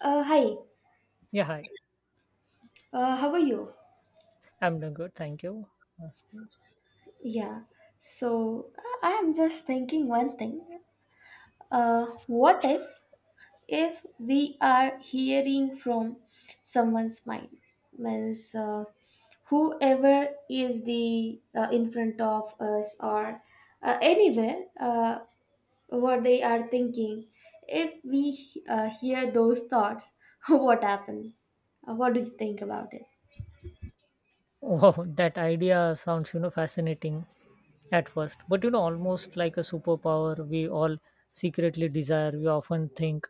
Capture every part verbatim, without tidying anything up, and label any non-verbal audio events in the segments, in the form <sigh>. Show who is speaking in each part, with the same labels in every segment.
Speaker 1: Uh, hi,
Speaker 2: Yeah, hi.
Speaker 1: uh, how are you?
Speaker 2: I'm doing good. Thank you for asking.
Speaker 1: Yeah, so I am just thinking one thing. Uh, what if if we are hearing from someone's mind? Means uh, whoever is the uh, in front of us, or uh, anywhere, uh, what they are thinking. If we uh, hear those thoughts, <laughs> what happen? Uh, what do you think about it?
Speaker 2: Wow, that idea sounds, you know, fascinating at first, but you know, almost like a superpower we all secretly desire. We often think,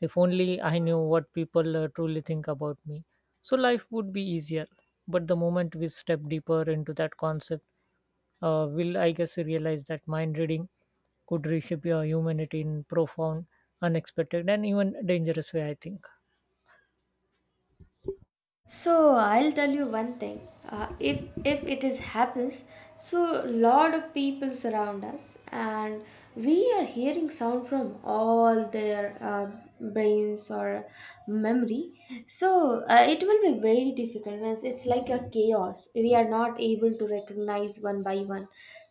Speaker 2: if only I knew what people uh, truly think about me, so life would be easier. But the moment we step deeper into that concept, uh, will I guess realize that mind reading could reshape your humanity in profound, unexpected, and even dangerous way. I think.
Speaker 1: So I'll tell you one thing. Uh, if if it is happens, so lot of people surround us, and we are hearing sound from all their uh, brains or memory. So uh, it will be very difficult. Means it's like a chaos. We are not able to recognize one by one,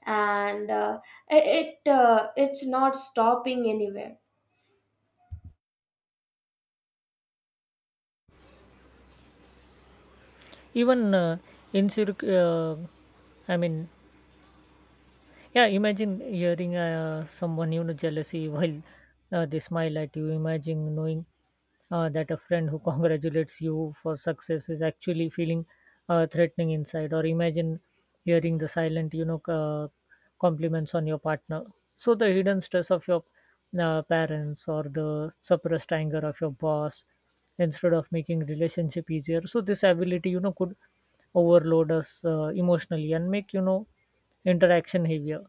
Speaker 1: and uh, it it, uh, it's not stopping anywhere.
Speaker 2: Even uh, in circ- uh, I mean, yeah, imagine hearing uh, someone, you know, jealousy while uh, they smile at you. Imagine knowing uh, that a friend who <laughs> congratulates you for success is actually feeling uh, threatening inside. Or imagine hearing the silent, you know, uh, compliments on your partner, so the hidden stress of your uh, parents or the suppressed anger of your boss instead of making relationship easier. So this ability, you know, could overload us uh, emotionally and make, you know, interaction heavier.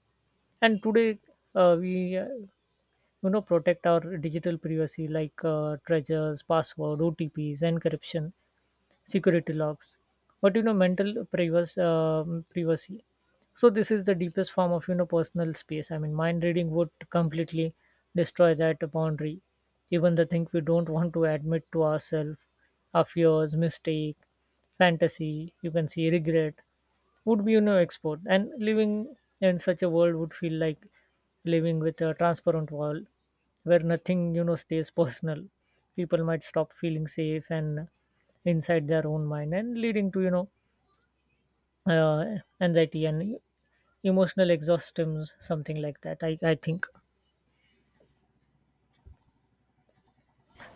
Speaker 2: And today uh, we uh, you know protect our digital privacy like uh, treasures, password, otps, encryption, security logs, but you know mental privacy, um, privacy, so this is the deepest form of, you know, personal space. I mean, mind reading would completely destroy that boundary, even the thing we don't want to admit to ourselves: our fears, mistake, fantasy. You can see regret would be, you know, export, and living in such a world would feel like living with a transparent wall, where nothing, you know, stays personal. People might stop feeling safe and inside their own mind, and leading to, you know, uh, anxiety and e-, emotional exhaustions, something like that. i, I think.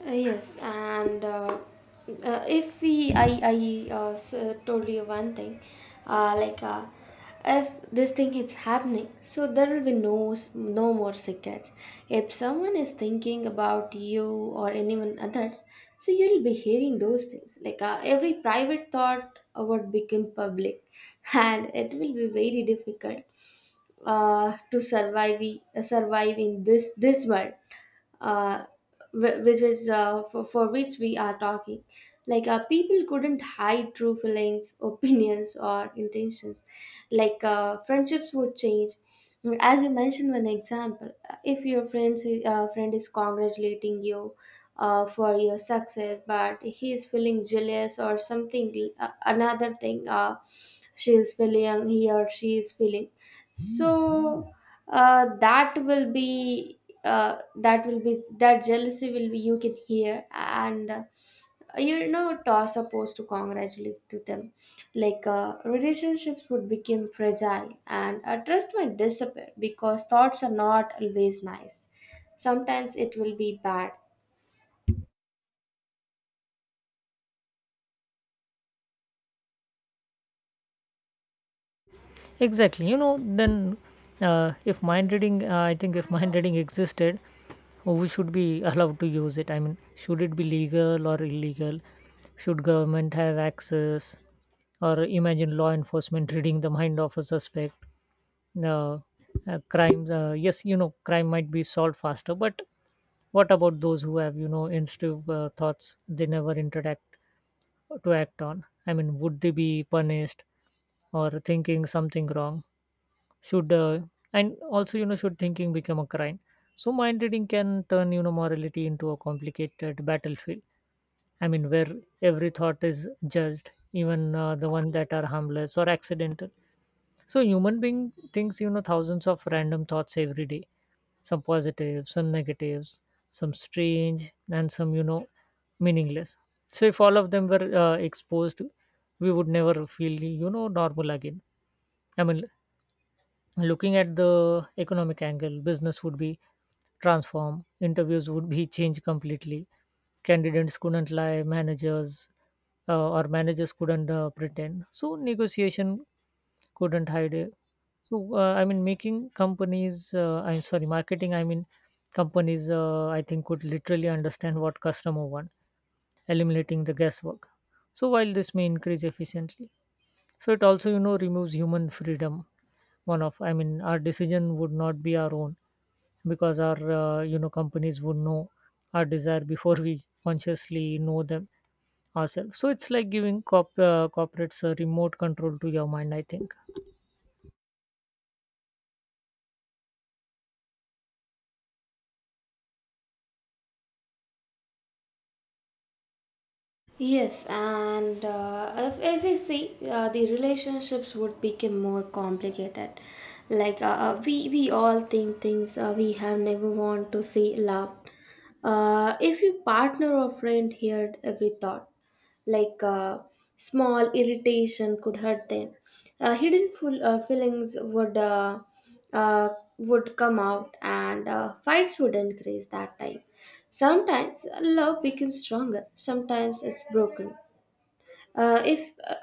Speaker 1: Uh, yes, and uh, uh, if we, I, I uh, s- uh, told you one thing, uh, like uh, if this thing is happening, so there will be no, s- no more secrets. If someone is thinking about you or anyone others, so you'll be hearing those things. Like uh, every private thought uh, would become public, <laughs> and it will be very difficult uh, to survive, uh, survive in this this world, uh, wh- which is uh, for, for which we are talking. Like uh, people couldn't hide true feelings, <laughs> opinions, or intentions. Like uh, friendships would change, as you mentioned one example. If your friends uh, friend is congratulating you uh, for your success, but he is feeling jealous, or something, uh, another thing, uh, she is feeling, he or she is feeling. So uh, that will be uh, that will be, that jealousy will be, you can hear. And uh, you're not uh, supposed to congratulate to them. Like uh, relationships would become fragile, and uh, trust might disappear, because thoughts are not always nice. Sometimes it will be bad.
Speaker 2: Exactly. You know, then uh, if mind reading, uh, I think if <laughs> mind reading existed, we should be allowed to use it. I mean, should it be legal or illegal? Should government have access? Or imagine law enforcement reading the mind of a suspect. Uh, uh, crimes, uh, yes, you know, crime might be solved faster, but what about those who have, you know, instinctive uh, thoughts they never interact to act on? I mean, would they be punished or thinking something wrong? Should uh, And also, you know, should thinking become a crime? So mind reading can turn, you know, morality into a complicated battlefield. I mean, where every thought is judged, even uh, the one that are harmless or accidental. So human being thinks, you know, thousands of random thoughts every day: some positive, some negatives, some strange, and some, you know, meaningless. So if all of them were uh, exposed, we would never feel, you know, normal again. I mean, looking at the economic angle, business would be transformed, interviews would be changed completely, candidates couldn't lie, managers, uh, or managers couldn't uh, pretend, so negotiation couldn't hide it. So uh, I mean, making companies, uh, I'm sorry, marketing, I mean companies uh, I think could literally understand what customer want, eliminating the guesswork. So while this may increase efficiently, so it also, you know, removes human freedom. One of, I mean, our decision would not be our own, because our, uh, you know, companies would know our desire before we consciously know them ourselves. So it's like giving corp- uh, corporates a remote control to your mind, I think.
Speaker 1: Yes, and uh, if, if we see, uh, the relationships would become more complicated. Like uh, uh, we we all think things uh, we have never want to see love. Uh, if your partner or friend heard every thought, like uh, small irritation could hurt them, uh, hidden full, uh, feelings would uh, uh, would come out, and uh, fights would increase that time. Sometimes uh, love becomes stronger. Sometimes it's broken. Uh, if uh,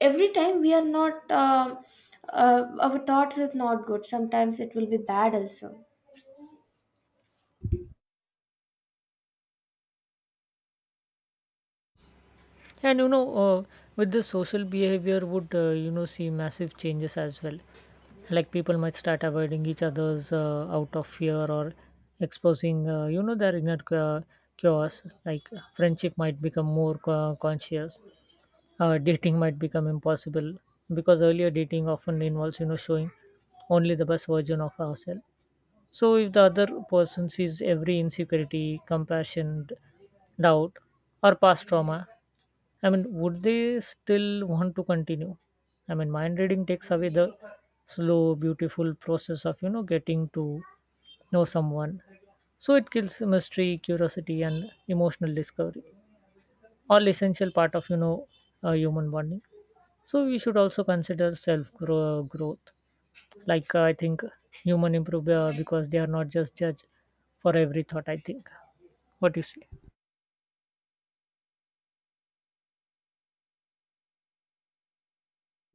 Speaker 1: every time we are not um uh, our thoughts is not good. Sometimes it will be bad also.
Speaker 2: And you know, uh, with the social behavior would uh, you know see massive changes as well. Like people might start avoiding each other's uh, out of fear or exposing uh, you know their inner uh, chaos. Like friendship might become more co- conscious. Uh, dating might become impossible, because earlier dating often involves, you know, showing only the best version of ourselves. So if the other person sees every insecurity, compassion, doubt, or past trauma, I mean, would they still want to continue? I mean, mind reading takes away the slow, beautiful process of, you know, getting to know someone. So it kills mystery, curiosity, and emotional discovery, all essential part of, you know, uh, human bonding. So we should also consider self growth. Like uh, I think human improve uh, because they are not just judge for every thought, I think. What you say?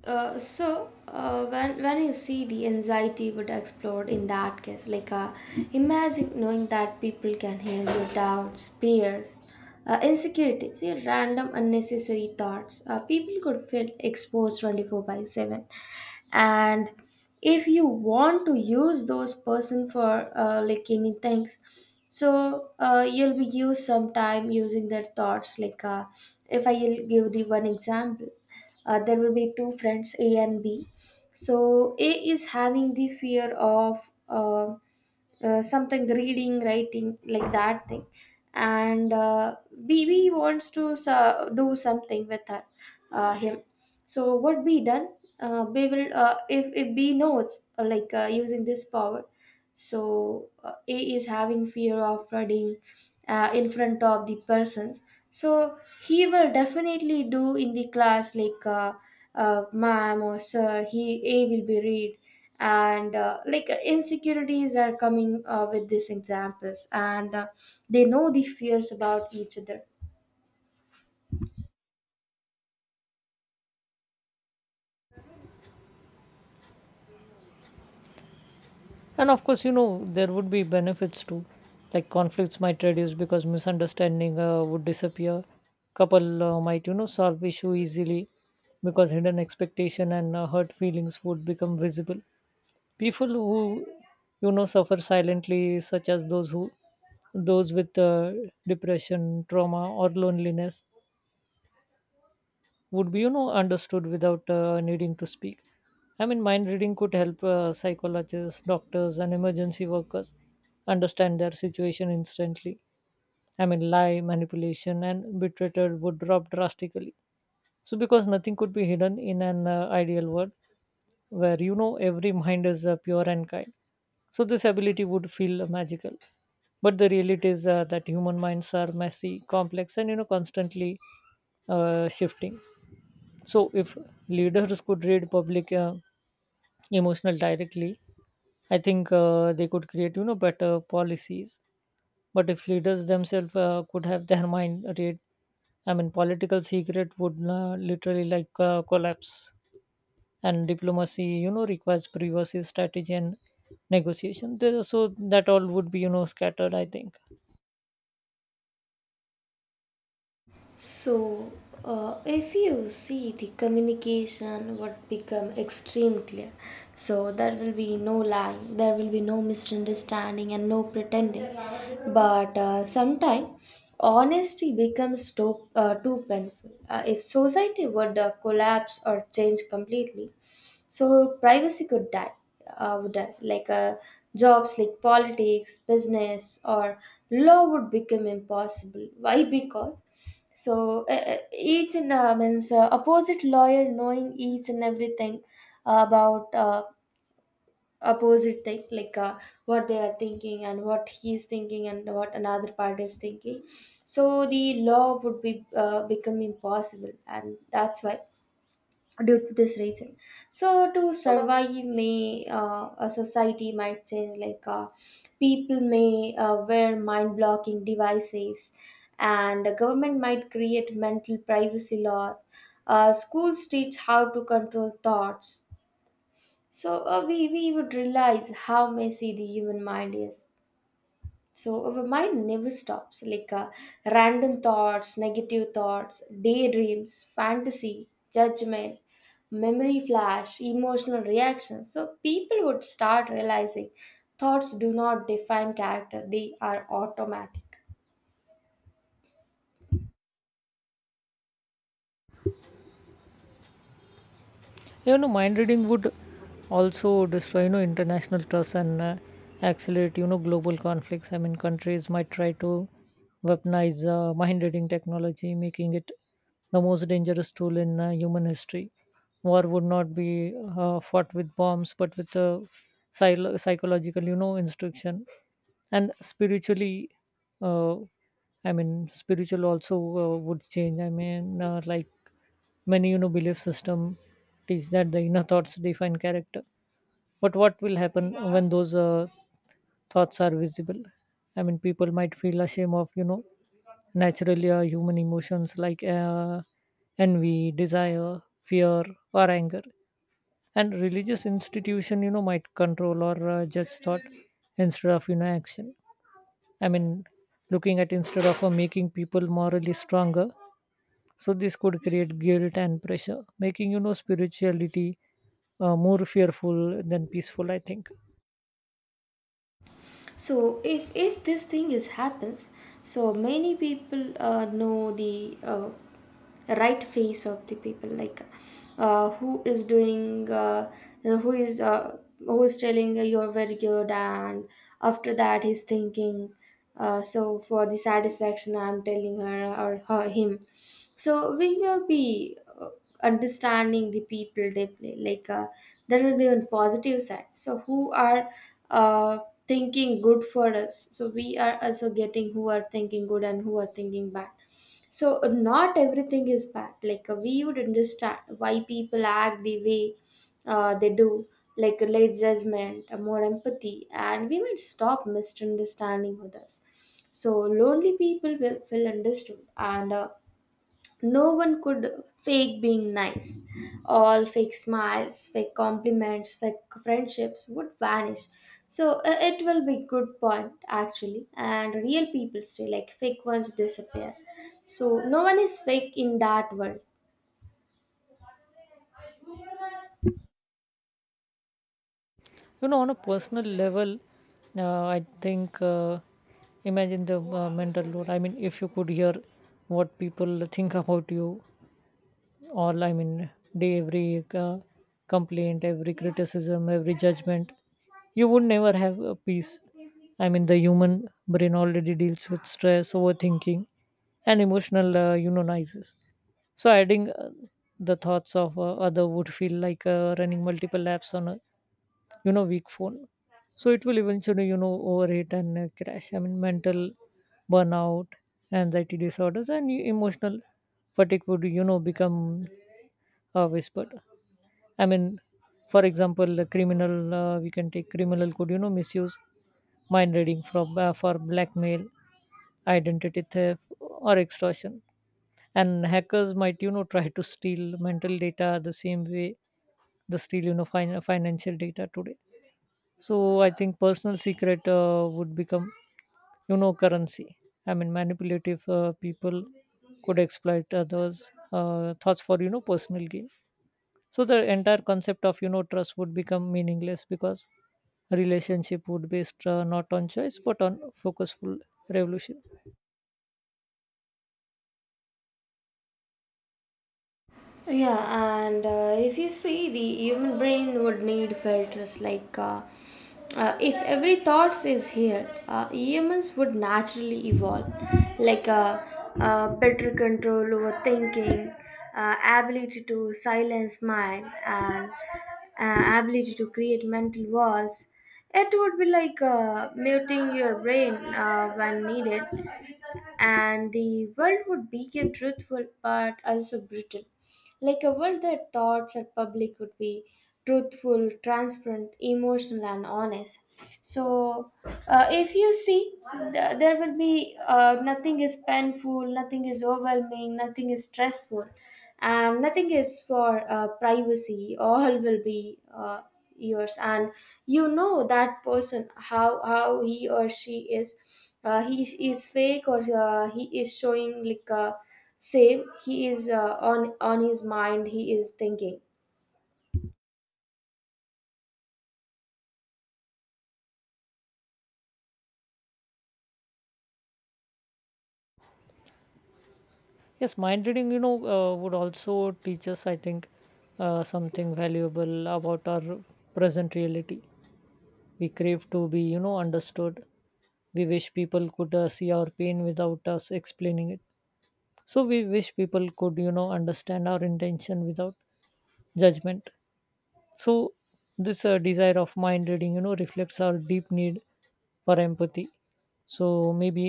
Speaker 1: Uh, so uh, when when you see, the anxiety would explode in that case. Like, uh, imagine knowing that people can hear your doubts, fears, uh, insecurities, your random unnecessary thoughts. Uh, people could feel exposed twenty four by seven, and if you want to use those person for uh, like any things, so uh, you'll be used some time using their thoughts. Like uh, if I will give the one example, uh, there will be two friends, A and B. So A is having the fear of uh, uh, something, reading, writing, like that thing. And uh, B B wants to so- do something with her, uh, him. So what be done? Uh, we will uh, If if B knows, uh, like uh, using this power, so uh, A is having fear of flooding uh, in front of the persons. So he will definitely do in the class, like uh, uh, ma'am or sir. He, A, will be read, and uh, like uh, insecurities are coming uh, with these examples, and uh, they know the fears about each other.
Speaker 2: And of course, you know, there would be benefits too. Like conflicts might reduce because misunderstanding uh, would disappear. Couple uh, might, you know, solve issue easily, because hidden expectation and uh, hurt feelings would become visible. People who, you know, suffer silently, such as those who those with uh, depression, trauma, or loneliness, would be, you know, understood without uh, needing to speak. I mean, mind reading could help uh, psychologists, doctors, and emergency workers understand their situation instantly. I mean, lie, manipulation, and betrayal would drop drastically, so because nothing could be hidden in an uh, ideal world where, you know, every mind is uh, pure and kind. So this ability would feel magical, but the reality is uh, that human minds are messy, complex, and, you know, constantly uh, shifting. So, if leaders could read public uh, emotional directly, I think uh, they could create, you know, better policies. But if leaders themselves uh, could have their <laughs> mind read, I mean, political secret would uh, literally like uh, collapse. And diplomacy, you know, requires privacy, strategy, and negotiation. There- So that all would be, you know, scattered. I think.
Speaker 1: So, uh, if you see, the communication would become extreme clear. So there will be no lying, there will be no misunderstanding, and no pretending. But uh, sometime honesty becomes too, uh, too painful. Uh, if society would uh, collapse or change completely, so privacy could die, uh, would die. Like uh, jobs like politics, business, or law would become impossible. Why? Because so uh, uh, each and uh, means, uh, opposite lawyer knowing each and everything about uh, opposite thing, like uh, what they are thinking, and what he is thinking, and what another party is thinking. So the law would be uh, become impossible, and that's why, due to this reason, so to survive, may, uh, a society might change, like uh, people may uh, wear mind blocking devices, and the government might create mental privacy laws, uh, schools teach how to control thoughts. So uh, we, we would realize how messy the human mind is. So our mind never stops, like uh, random thoughts, negative thoughts, daydreams, fantasy, judgment, memory flash, emotional reactions. So people would start realizing thoughts do not define character, they are automatic.
Speaker 2: You know, mind reading would also destroy, you know, international trust and uh, accelerate, you know, global conflicts. I mean, countries might try to weaponize uh, mind reading technology, making it the most dangerous tool in uh, human history. War would not be uh, fought with bombs but with uh, psy- psychological, you know, instruction. And spiritually, uh, I mean spiritual also uh, would change. I mean, uh, like many, you know, belief system teach that the inner thoughts define character, but what will happen when those uh, thoughts are visible? I mean, people might feel ashamed of, you know, naturally uh, human emotions like uh, envy, desire, fear, or anger. And religious institution, you know, might control or uh, judge thought instead of, you know, action. I mean, looking at, instead of uh, making people morally stronger, so this could create guilt and pressure, making, you know, spirituality uh, more fearful than peaceful. I think.
Speaker 1: So if if this thing is happens, so many people uh, know the uh, right face of the people. Like uh, who is doing uh, who is uh, who is telling, uh, you're very good, and after that he's thinking, uh, so for the satisfaction I'm telling her, or her, him. So we will be uh, understanding the people deeply, like uh, that will be on positive side. So who are uh, thinking good for us, so we are also getting who are thinking good and who are thinking bad. So uh, not everything is bad. Like uh, we would understand why people act the way uh, they do. Like less judgment, uh, more empathy, and we might stop misunderstanding others. So lonely people will feel understood, and uh, no one could fake being nice. All fake smiles, fake compliments, fake friendships would vanish. So uh, it will be good point actually, and real people stay, like fake ones disappear. So no one is fake in that world.
Speaker 2: You know, on a personal level, uh, I think uh, imagine the uh, mental load. I mean, if you could hear what people think about you all, I mean day, every uh, complaint, every criticism, every judgment, you would never have a peace. I mean, the human brain already deals with stress, overthinking, and emotional, uh, you know, noises. So adding uh, the thoughts of uh, other would feel like uh, running multiple laps on a, you know, weak phone. So it will eventually, you know, overheat and uh, crash. I mean, mental burnout, anxiety disorders, and e- emotional fatigue would, you know, become uh, whispered. I mean, for example, a criminal, uh, we can take criminal could, you know, misuse mind reading from uh, for blackmail, identity theft, or extortion. And hackers might, you know, try to steal mental data the same way they steal, you know, fin- financial data today. So I think personal secret uh, would become, you know, currency. I mean, manipulative uh, people could exploit others' uh, thoughts for, you know, personal gain. So the entire concept of, you know, trust would become meaningless, because relationship would based uh, not on choice but on focusful revolution.
Speaker 1: Yeah, and uh, if you see, the human brain would need filters. Like, uh, uh, if every thoughts is here, uh, humans would naturally evolve. Like, uh, uh, better control over thinking, uh, ability to silence mind, and uh, ability to create mental walls. It would be like uh, muting your brain uh, when needed, and the world would become truthful but also brutal. Like a world that thoughts are public would be truthful, transparent, emotional, and honest. So, uh, if you see, th- there will be, uh, nothing is painful, nothing is overwhelming, nothing is stressful, and nothing is for uh, privacy. <laughs> All will be uh, yours, and you know that person, how how he or she is. Uh, he is fake, or uh, he is showing like. Uh, same he is uh, on on his mind he is thinking.
Speaker 2: Yes, mind reading, you know, uh, would also teach us, I think, uh, something valuable about our present reality. We crave to be, you know, understood. We wish people could uh, see our pain without us explaining it. So we wish people could, you know, understand our intention without judgment. So this uh, desire of mind reading, you know, reflects our deep need for empathy. So maybe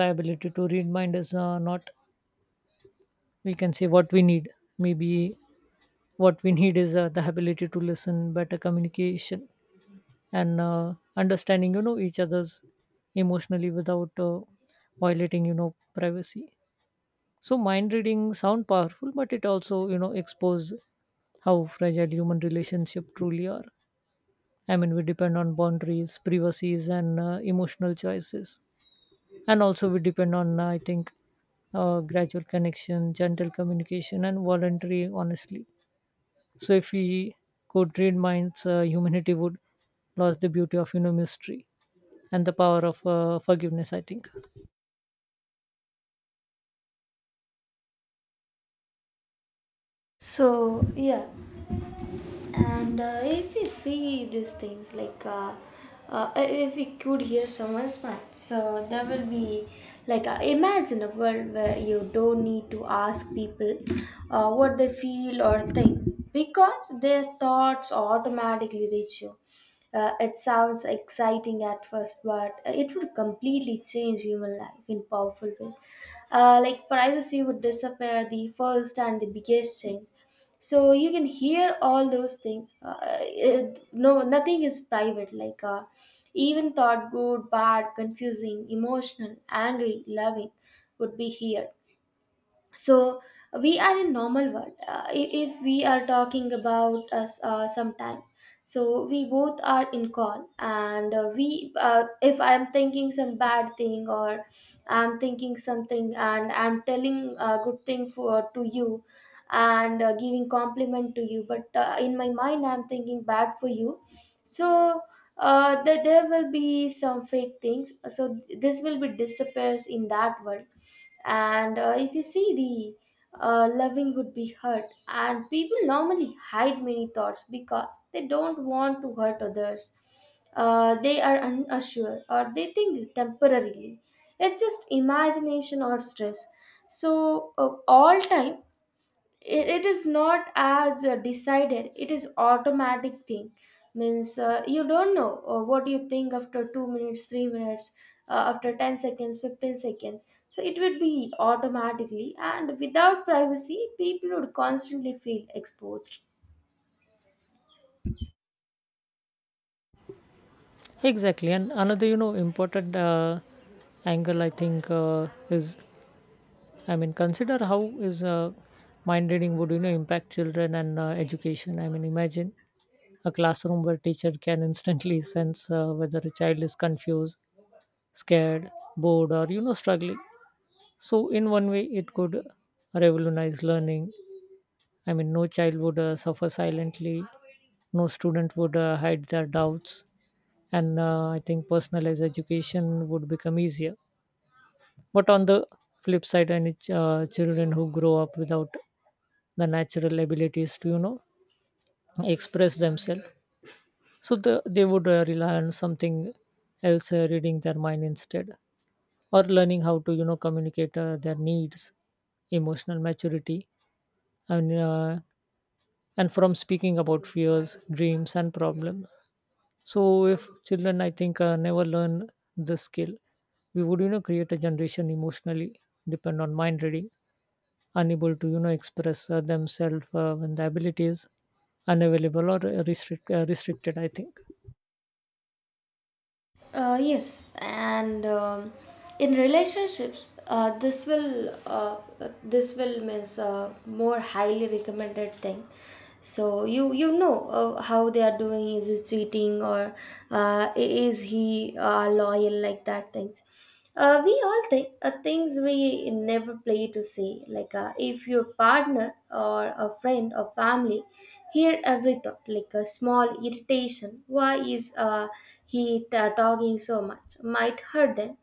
Speaker 2: the ability to read mind is uh, not, we can say, what we need. Maybe what we need is uh, the ability to listen, better communication, and uh, understanding, you know, each other's emotionally without uh, violating, you know, privacy. So mind reading sound powerful, but it also, you know, expose how fragile human relationship truly are. I mean, we depend on boundaries, privacies, and uh, emotional choices. And also, we depend on, uh, I think, uh, gradual connection, gentle communication, and voluntary honesty. So, if we could read minds, uh, humanity would lose the beauty of, you know, mystery and the power of uh, forgiveness, I think.
Speaker 1: So yeah, and uh, if we see these things, like uh, uh, if we could hear someone's mind, so there will be, like uh, imagine a world where you don't need to ask people uh, what they feel or think, because their thoughts automatically reach you. Uh, it sounds exciting at first, but it would completely change human life in powerful ways. Uh, like privacy would disappear, the first and the biggest change. So you can hear all those things, uh, it, no, nothing is private. Like uh, even thought, good, bad, confusing, emotional, angry, loving would be here. So we are in normal world, uh, i- if we are talking about us uh, sometime, so we both are in call, and uh, we uh, if I am thinking some bad thing, or I'm thinking something, and I'm telling a good thing for to you, and uh, giving compliment to you, but uh, in my mind I'm thinking bad for you. So uh, there there will be some fake things, so this will be disappears in that world. And uh, if you see, the uh, loving would be hurt, and people normally hide many thoughts because they don't want to hurt others. Uh, they are unsure, or they think temporarily, it's just imagination or stress. So uh, all time, it, it is not as uh, decided, it is automatic thing. Means uh, you don't know uh, what you think after two minutes three minutes, uh, after ten seconds fifteen seconds, so it would be automatically, and without privacy people would constantly feel exposed.
Speaker 2: Exactly. And another, you know, important uh, angle, I think, uh, is, I mean, consider how is uh, mind reading would, you know, impact children and uh, education. I mean, imagine a classroom where teacher can instantly <laughs> sense uh, whether a child is confused, scared, bored, or, you know, struggling. So in one way, it could revolutionize learning. I mean, no child would uh, suffer silently. No student would uh, hide their doubts, and uh, I think personalized education would become easier. But on the flip side, any ch- uh, children who grow up without the natural abilities to, you know, express themselves, so the, they would uh, rely on something else uh, reading their mind instead, or learning how to you know communicate uh, their needs, emotional maturity, and uh, and from speaking about fears, dreams, and problems. So if children, I think uh, never learn this skill, we would you know create a generation emotionally depend on mind reading, unable to you know express uh, themselves uh, when the ability is unavailable or uh, restrict, uh, restricted, I think.
Speaker 1: Uh, yes, and um, in relationships, uh, this will uh, uh, this will means uh, more highly recommended thing. So you you know uh, how they are doing. Is he cheating, or uh, i- is he uh, loyal, like that things? Uh, we all think uh, things we never play to say, like uh, if your partner or a friend or family hear every thought, like a small irritation, why is uh, he t- talking so much, might hurt them,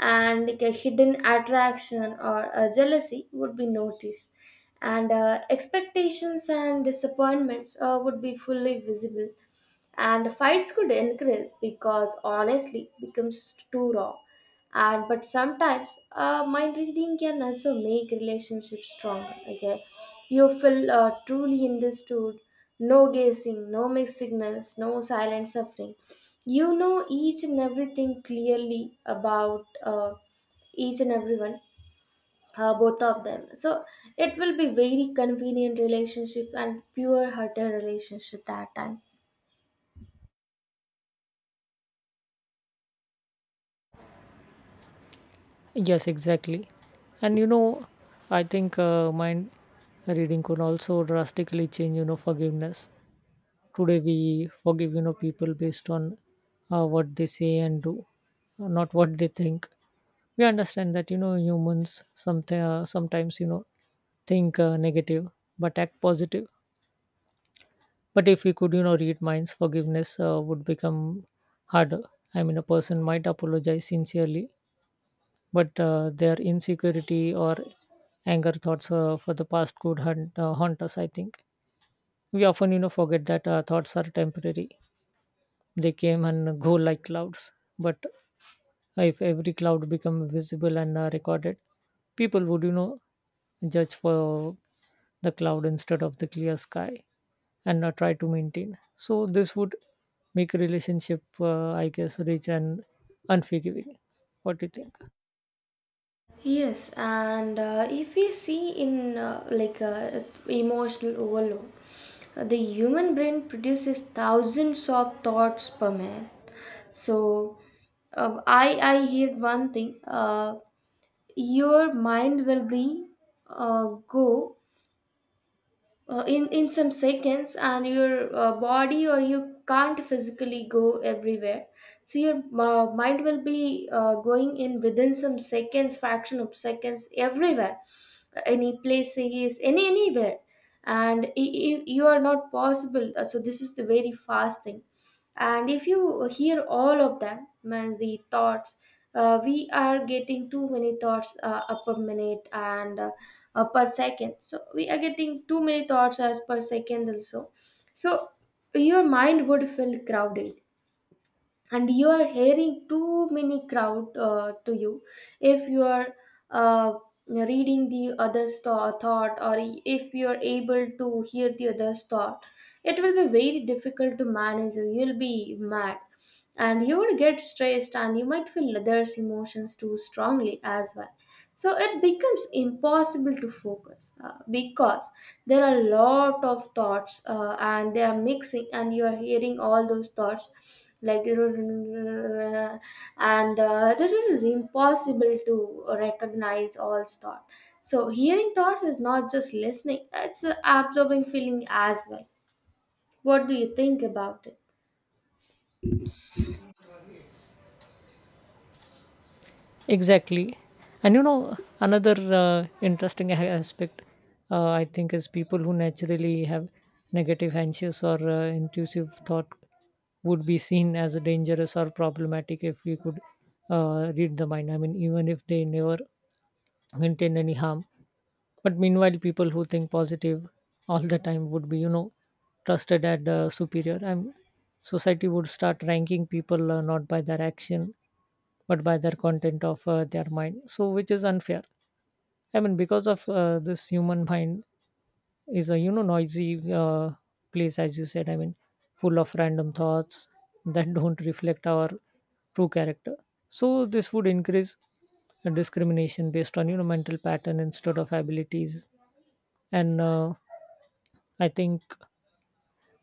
Speaker 1: and like a hidden attraction or a jealousy would be noticed, and uh, expectations and disappointments uh, would be fully visible, and fights could increase because honestly becomes too raw. And but sometimes uh, mind reading can also make relationships stronger. Okay, you feel uh, truly understood. No guessing, no mixed signals, no silent suffering. You know each and everything clearly about uh, each and everyone, uh, both of them. So it will be very convenient relationship and pure hearted relationship that time.
Speaker 2: Yes, exactly. And you know, I think uh, mind reading could also drastically change, you know, forgiveness. Today we forgive, you know, people based on uh, what they say and do, not what they think. We understand that, you know, humans somet- uh, sometimes, you know, think uh, negative but act positive. But if we could, you know, read minds, forgiveness uh, would become harder. I mean, a person might apologize sincerely, but uh, their insecurity or anger thoughts uh, for the past could haunt, uh, haunt us, I think. We often, you know, forget that uh, thoughts are temporary. They came and go like clouds. But if every cloud become visible and uh, recorded, people would, you know, judge for the cloud instead of the clear sky, and uh, try to maintain. So this would make relationship, uh, I guess, rich and unforgiving. What do you think?
Speaker 1: Yes, and uh, if we see in uh, like uh, emotional overload, uh, the human brain produces thousands of thoughts per minute. So uh, I I hear one thing. Uh, your mind will be uh, go uh, in in some seconds, and your uh, body, or you can't physically go everywhere, so your uh, mind will be uh, going in within some seconds, fraction of seconds, everywhere, any places, any anywhere, and i- i- you are not possible. Uh, so this is the very fast thing. And if you hear all of them, means the thoughts, uh, we are getting too many thoughts uh, up a minute, and uh, uh, per second. So we are getting too many thoughts as per second also. So your mind would feel crowded, and you are hearing too many crowd uh, to you. If you are uh, reading the other's tho- thought, or if you are able to hear the other's thought, it will be very difficult to manage. You you'll be mad, and you would get stressed, and you might feel others emotions too strongly as well. So it becomes impossible to focus, uh, because there are a lot of thoughts, uh, and they are mixing, and you are hearing all those thoughts like <laughs> and uh, this is, is impossible to recognize all thought. So hearing thoughts is not just listening, it's uh, absorbing feeling as well. What do you think about it?
Speaker 2: Exactly. And you know, another uh, interesting a- aspect, uh, I think, is people who naturally have negative, anxious, or uh, intrusive thought would be seen as dangerous or problematic if we could uh, read the mind. I mean, even if they never intend any harm. But meanwhile, people who think positive all the time would be, you know, trusted as uh, superior. And society would start ranking people uh, not by their action, but by their content of uh, their mind, so which is unfair. I mean, because of uh, this, human mind is a, you know, noisy uh, place, as you said. I mean, full of random thoughts that <laughs> don't reflect our true character. So this would increase uh, discrimination based on, you know, mental pattern instead of abilities. And uh, I think,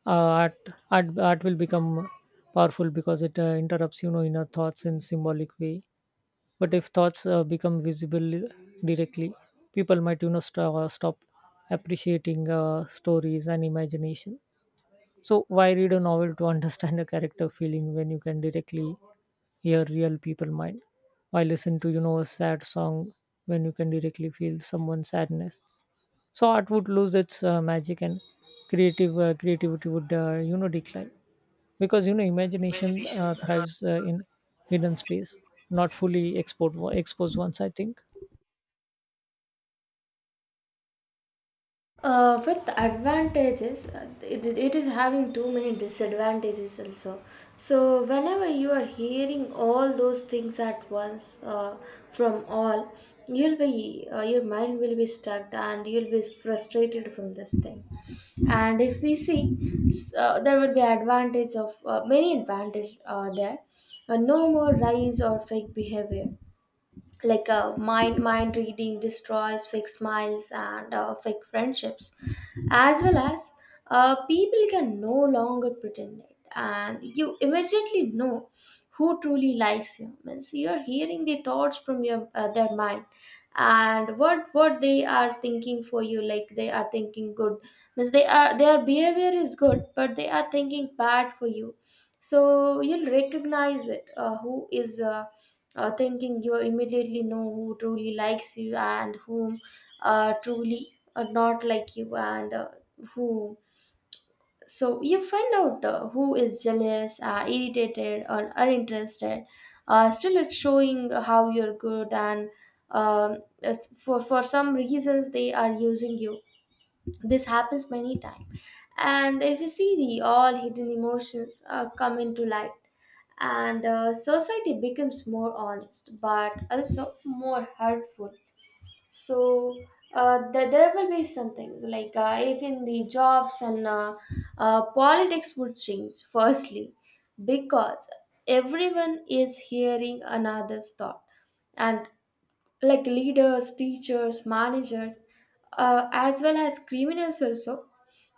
Speaker 2: uh, art, art art will become powerful because it uh, interrupts, you know, inner thoughts in symbolic way. But if thoughts uh, become visible directly, people might, you know, st- uh, stop appreciating uh, stories and imagination. So why read a novel to <laughs> understand a character feeling when you can directly hear real people mind? Why listen to, you know, a sad song when you can directly feel someone's sadness? So art would lose its uh, magic, and creative uh, creativity would uh, you know decline, because, you know, imagination uh, thrives uh, in hidden space, not fully exposed exposed once, I think.
Speaker 1: Uh, with advantages, uh, it, it is having too many disadvantages also. So, whenever you are hearing all those things at once, uh, from all, you'll be uh, your mind will be stuck, and you'll be frustrated from this thing. And if we see, s- uh, there would be advantage of uh, many advantage uh, there. Uh, no more rise or fake behavior, like uh, mind mind reading destroys fake smiles and uh, fake friendships, as well as uh, people can no longer pretend it, and you immediately know who truly likes you. Means you're hearing the thoughts from your uh, their mind, and what what they are thinking for you. Like they are thinking good, means they are, their behavior is good, but they are thinking bad for you. So you'll recognize it, uh, who is uh, uh, thinking. You immediately know who truly likes you, and whom uh, truly uh, not like you, and uh, who. So you find out uh, who is jealous, uh, irritated, or uninterested, uh, still it's showing how you're good, and um, as for, for some reasons they are using you. This happens many times. And if you see, the all hidden emotions uh, come into light, and uh, society becomes more honest but also more hurtful. So uh, th- there will be some things like uh, even the jobs and uh, uh, politics would change firstly, because everyone is hearing another's thought, and like leaders, teachers, managers, uh, as well as criminals also.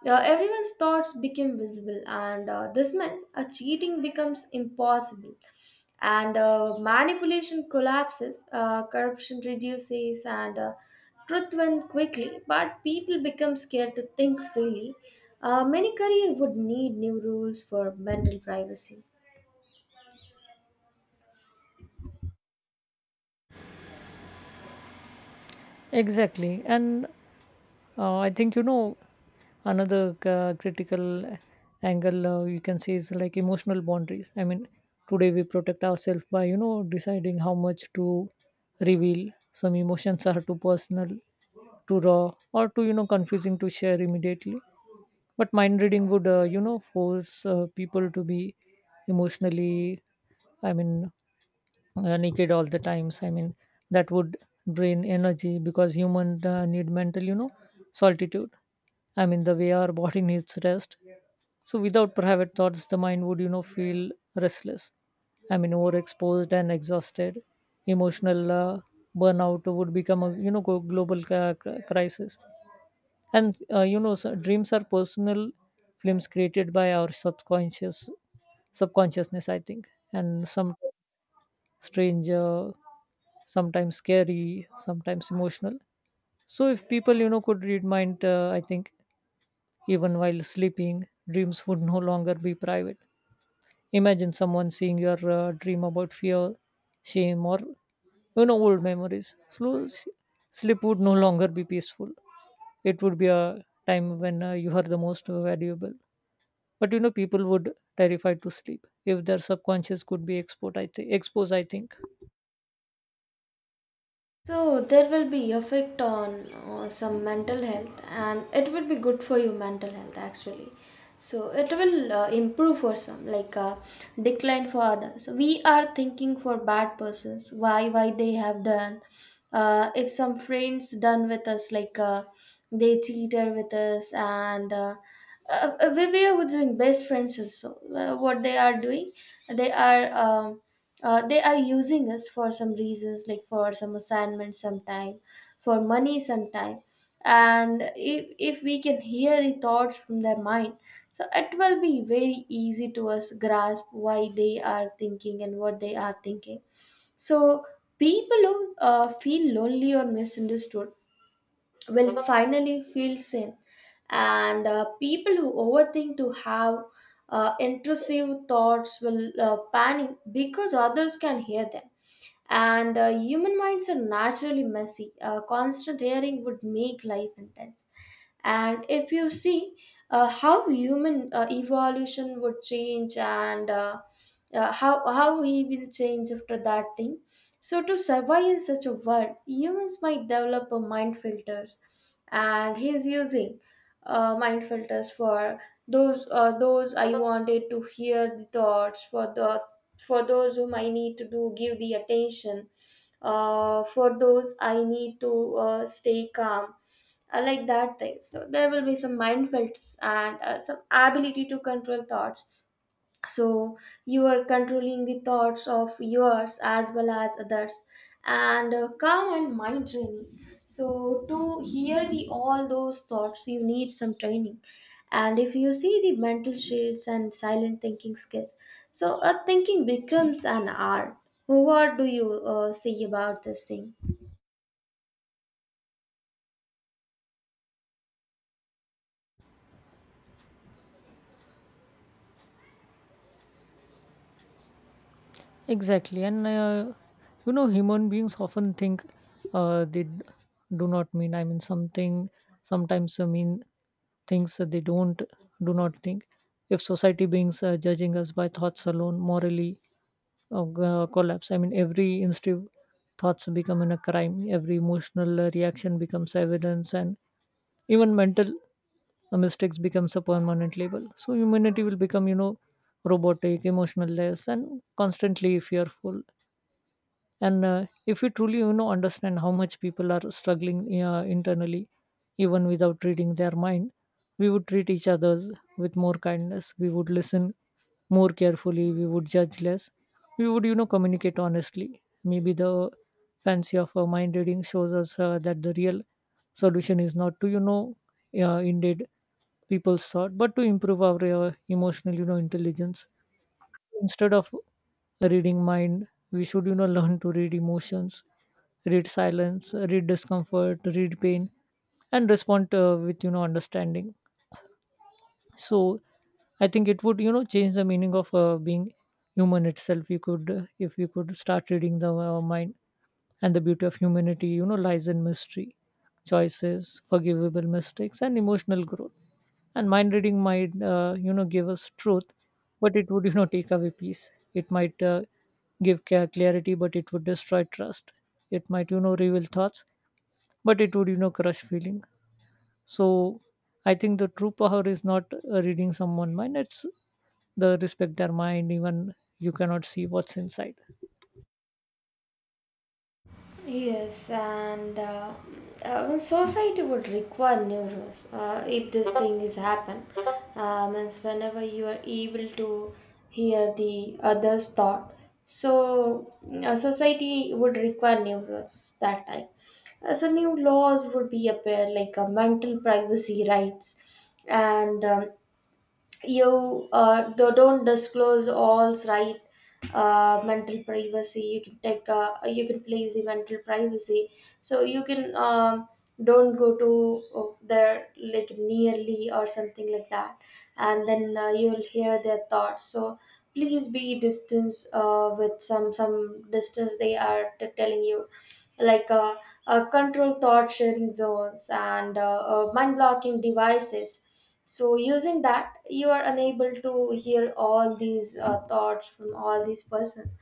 Speaker 1: Uh, everyone's thoughts became visible, and uh, this means uh, cheating becomes impossible, and uh, manipulation collapses, uh, corruption reduces, and uh, truth went quickly. But people become scared to think freely. Uh, many career would need new rules for mental privacy.
Speaker 2: Exactly. And Uh, I think, you know, another c- critical angle uh, you can see is like emotional boundaries. I mean, today we protect ourselves by, you know, deciding how much to reveal. Some emotions are too personal, too raw, or too, you know, confusing to share immediately. But mind reading would, uh, you know, force uh, people to be emotionally, I mean, uh, naked all the times. I mean, that would drain energy, because human uh, need mental, you know, solitude. I mean, the way our body needs rest. So without private thoughts, the mind would, you know, feel restless. I mean, overexposed and exhausted. Emotional uh, burnout would become a, you know, go- global ca- cri- crisis. And uh, you know, so dreams are personal, films created by our subconscious subconsciousness, I think. And some stranger, sometimes scary, sometimes emotional. So if people, you know, could read mind, uh, I think, even while sleeping, dreams would no longer be private. Imagine someone seeing your uh, dream about fear, shame, or, you know, old memories. Slow s- sleep would no longer be peaceful. It would be a time when uh, you are the most valuable. But you know, people would terrified to sleep if their subconscious could be exposed. I think exposed. I think.
Speaker 1: So there will be effect on uh, some mental health, and it will be good for your mental health actually. So it will uh, improve for some, like uh, decline for others. So, we are thinking for bad persons, why why they have done. Uh, if some friends done with us, like uh, they cheated with us, and uh, uh, uh, we we are doing best friends also, uh, what they are doing. They are um, uh, they are using us for some reasons, like for some assignment sometime, for money sometime. And if if we can hear the thoughts from their mind, so it will be very easy to us grasp why they are thinking and what they are thinking. So people who uh, feel lonely or misunderstood will finally feel seen. And uh, people who overthink to have uh, intrusive thoughts will uh, panic because others can hear them. And uh, human minds are naturally messy, uh, constant hearing would make life intense. And if you see uh, how human uh, evolution would change, and uh, uh, how how he will change after that thing. So to survive in such a world, humans might develop a mind filters, and he's using uh, mind filters for those uh, those I wanted to hear the thoughts for the, for those whom I need to do give the attention, uh, for those I need to uh, stay calm. I like that thing. So there will be some mindful tips and uh, some ability to control thoughts. So you are controlling the thoughts of yours as well as others, and uh, calm and mind training. So to hear the all those thoughts, you need some training. And if you see the mental shields and silent thinking skills, so a thinking becomes an art. What do you uh, say about this thing?
Speaker 2: Exactly, and uh, you know, human beings often think uh, they d- do not mean. I mean, something sometimes uh, mean things that they don't do not think. If society beings uh, judging us by thoughts alone, morally uh, g- uh, collapse. I mean, every instinctive thoughts become in a crime. Every emotional uh, reaction becomes evidence, and even mental uh, mistakes becomes a permanent label. So humanity will become, you know, robotic, emotionless, and constantly fearful. And uh, if we truly, you know, understand how much people are struggling uh, internally, even without reading their mind, we would treat each other with more kindness. We would listen more carefully, we would judge less, we would, you know, communicate honestly. Maybe the fancy of uh, mind reading shows us uh, that the real solution is not to, you know, uh, indeed people's thought, but to improve our uh, emotional, you know, intelligence. Instead of reading mind, we should, you know, <laughs> learn to read emotions, read silence, read discomfort, read pain, and respond uh, with, you know, understanding. So I think it would, you know, change the meaning of uh, being human itself. You could uh, if you could start reading the uh, mind. And the beauty of humanity, you know, lies in mystery, choices, forgivable mistakes, and emotional growth. And mind reading might, uh, you know, give us truth, but it would <laughs> you know take away peace. It might, uh, give ca- clarity, but it would destroy trust. It might, you know, reveal thoughts, but it would, you know, crush feeling. So I think the true power is not uh, reading someone's mind, it's the respect their mind even you cannot see what's inside.
Speaker 1: Yes, and uh, uh, society would require new rules uh, if this thing is happen. Uh, means whenever you are able to hear the others' thought, so uh, society would require new rules that time. Uh, so new laws would be appear, like uh, mental privacy rights and. Um, you uh, do- don't disclose all's right. Uh, mental privacy you can take, uh, you can place the mental privacy. So you can um, don't go to uh, their like nearly or something like that, and then uh, you'll hear their thoughts. So please be distance uh, with some some distance they are t- telling you, like uh, uh, control thought sharing zones, and uh, uh, mind blocking devices. So, using that, you are unable to hear all these uh, thoughts from all these persons.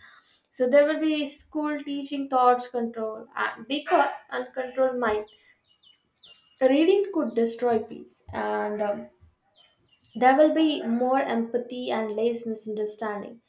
Speaker 1: So, there will be school teaching thoughts control, and because uncontrolled mind reading could destroy peace, and um, there will be more empathy and less misunderstanding.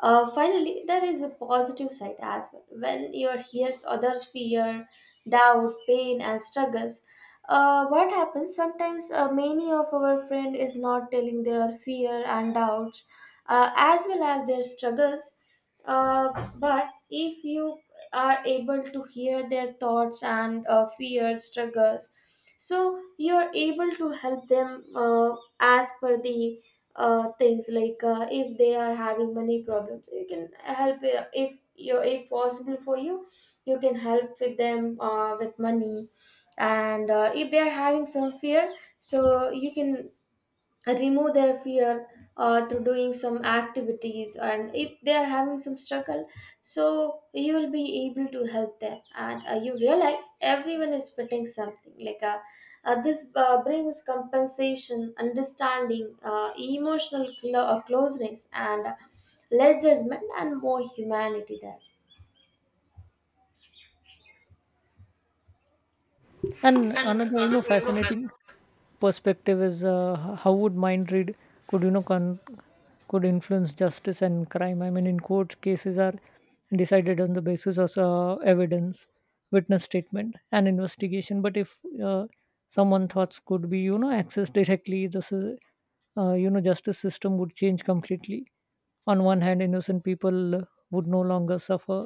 Speaker 1: Uh, finally, there is a positive side as well. When you hear others' fear, doubt, pain, and struggles, uh, what happens sometimes? Uh, many of our friend is not telling their fear and doubts, uh, as well as their struggles. Uh, but if you are able to hear their thoughts and uh, fear, struggles, so you are able to help them uh, as per the uh, things, like uh, if they are having money problems, you can help, uh, if you, if possible for you, you can help with them uh, with money. And uh, if they are having some fear, so you can uh, remove their fear uh, through doing some activities. And if they are having some struggle, so you will be able to help them, and uh, you realize everyone is fitting something, like uh, uh, this uh, brings compensation, understanding, uh, emotional clo- uh, closeness, and less judgment and more humanity there.
Speaker 2: And another, you know, fascinating perspective is uh, h- how would mind read could, you know con- could influence justice and crime. I mean, in court cases are decided on the basis of uh, evidence, witness statement, and investigation. But if uh, someone thoughts could be, you know, accessed directly, this is, uh, you know, justice system would change completely. On one hand, innocent people uh, would no longer suffer,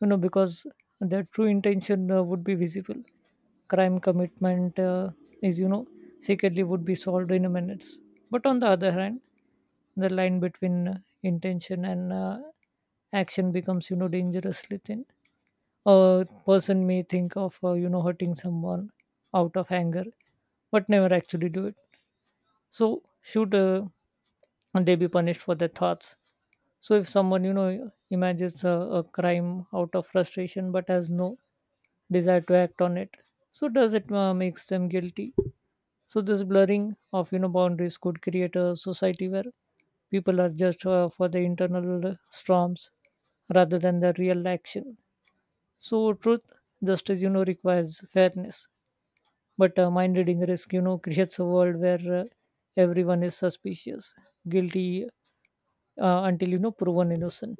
Speaker 2: you know, because their true intention uh, would be visible. Crime commitment uh, is, you know, secretly would be solved in minutes. But on the other hand, the line between uh, intention and uh, action becomes, you know, dangerously thin. A person may think of uh, you know hurting someone out of anger, but never actually do it. So should uh, they be punished for their thoughts? So if someone, you know, imagines a, a crime out of frustration but has no desire to act on it, so does it uh, makes them guilty? So this blurring of, you know, boundaries could create a society where people are just uh, for the internal storms rather than the real action. So truth, justice, you know, requires fairness, but uh, mind reading risk, you know, <laughs> creates a world where uh, everyone is suspicious, guilty uh, until, you know, proven innocent.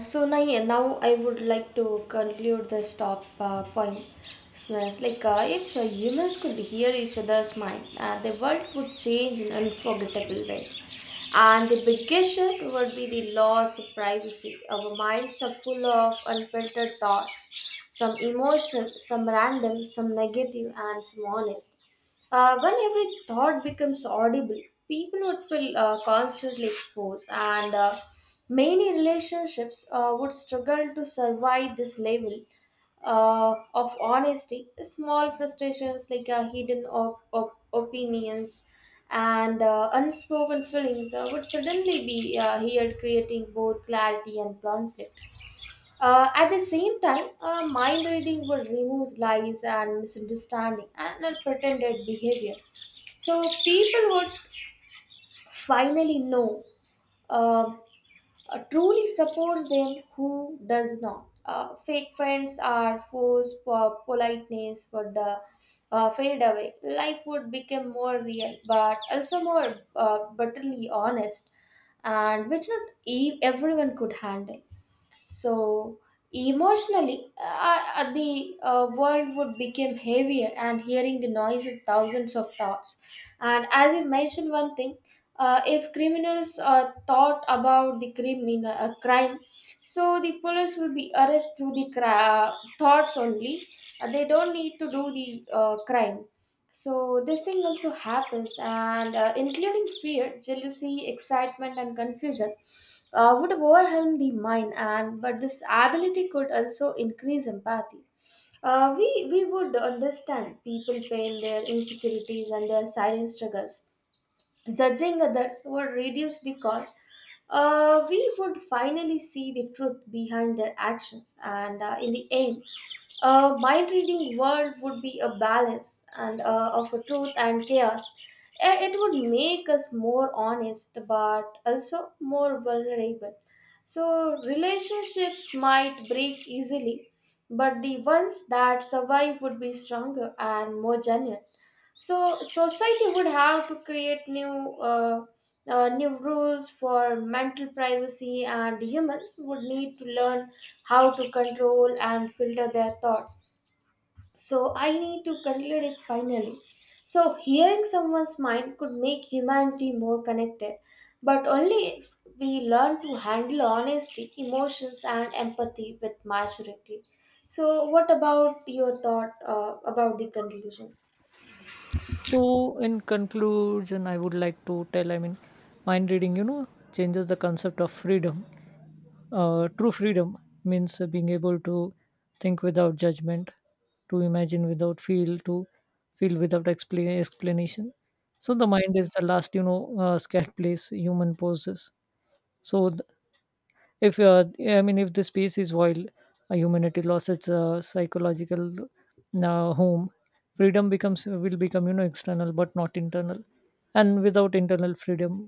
Speaker 1: So now, now I would like to conclude this top uh, point. Smells like uh, if uh, humans could hear each other's mind, uh, the world would change in unforgettable ways. And the biggest shift would be the loss of privacy. Our minds are full of unfiltered thoughts, some emotional, some random, some negative, and some honest. Uh, when every thought becomes audible, people would feel uh, constantly exposed, and uh, many relationships uh, would struggle to survive this level uh, of honesty. Small frustrations, like uh, hidden op- op- opinions and uh, unspoken feelings uh, would suddenly be uh, here, creating both clarity and conflict. Uh, at the same time, uh, mind reading will remove lies and misunderstanding and pretended behavior. So people would finally know uh, uh, truly supports them, who does not. Uh, fake friends are forced for politeness would uh, uh, fade away. Life would become more real, but also more uh, bitterly honest, and which not e- everyone could handle. So emotionally uh, uh, the uh, world would become heavier, and hearing the noise of thousands of thoughts, and as you mentioned one thing, uh, if criminals uh, thought about the crimin- uh, crime, so the police will be arrested through the cri- uh, thoughts only. Uh, they don't need to do the uh, crime, so this thing also happens. And uh, including fear, jealousy, excitement, and confusion uh, would overwhelm the mind. And but this ability could also increase empathy. uh, we we would understand people pain, their insecurities, and their silent struggles. Judging others were reduced because uh, we would finally see the truth behind their actions, and uh, in the end, a mind reading world would be a balance and uh, of a truth and chaos. I- It would make us more honest, but also more vulnerable. So relationships might break easily, but the ones that survive would be stronger and more genuine. So society would have to create new uh, uh, new rules for mental privacy, and humans would need to learn how to control and filter their thoughts. So I need to conclude it finally. So hearing someone's mind could make humanity more connected, but only if we learn to handle honesty, emotions, and empathy with maturity. So what about your thought uh, about the conclusion?
Speaker 2: So, in conclusion, I would like to tell, I mean, mind reading, you know, changes the concept of freedom. Uh, true freedom means uh, being able to think without judgment, to imagine without feel, to feel without expla- explanation. So, the mind is the last, you know, uh, scared place human possesses. So, th- if uh, I mean, if the space is wild, uh, humanity lost its uh, psychological uh, home. Freedom becomes will become, you know, external but not internal. And without internal freedom,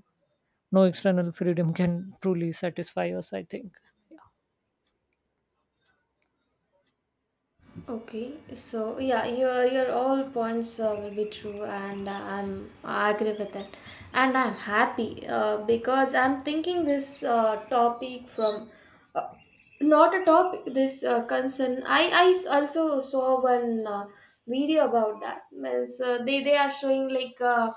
Speaker 2: no external freedom can truly satisfy us, I think.
Speaker 1: Okay, so yeah, your your all points uh, will be true, and uh, I'm I agree with that, and I'm happy uh, because I'm thinking this uh, topic from uh, not a topic, this uh, concern. I I s- also saw one uh, video about that. Means uh, they they are showing like uh,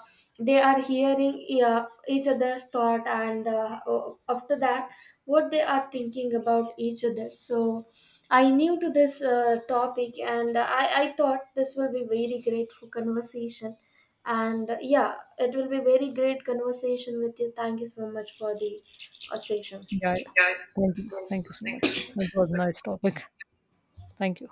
Speaker 1: they are hearing uh, each other's thought, and uh, after that, what they are thinking about each other. So I new to this uh, topic, and I, I thought this will be very great for conversation. And uh, yeah, it will be very great conversation with you. Thank you so much for the uh, session.
Speaker 2: Yeah, thank you, thank you so much. It was a nice topic. Thank you.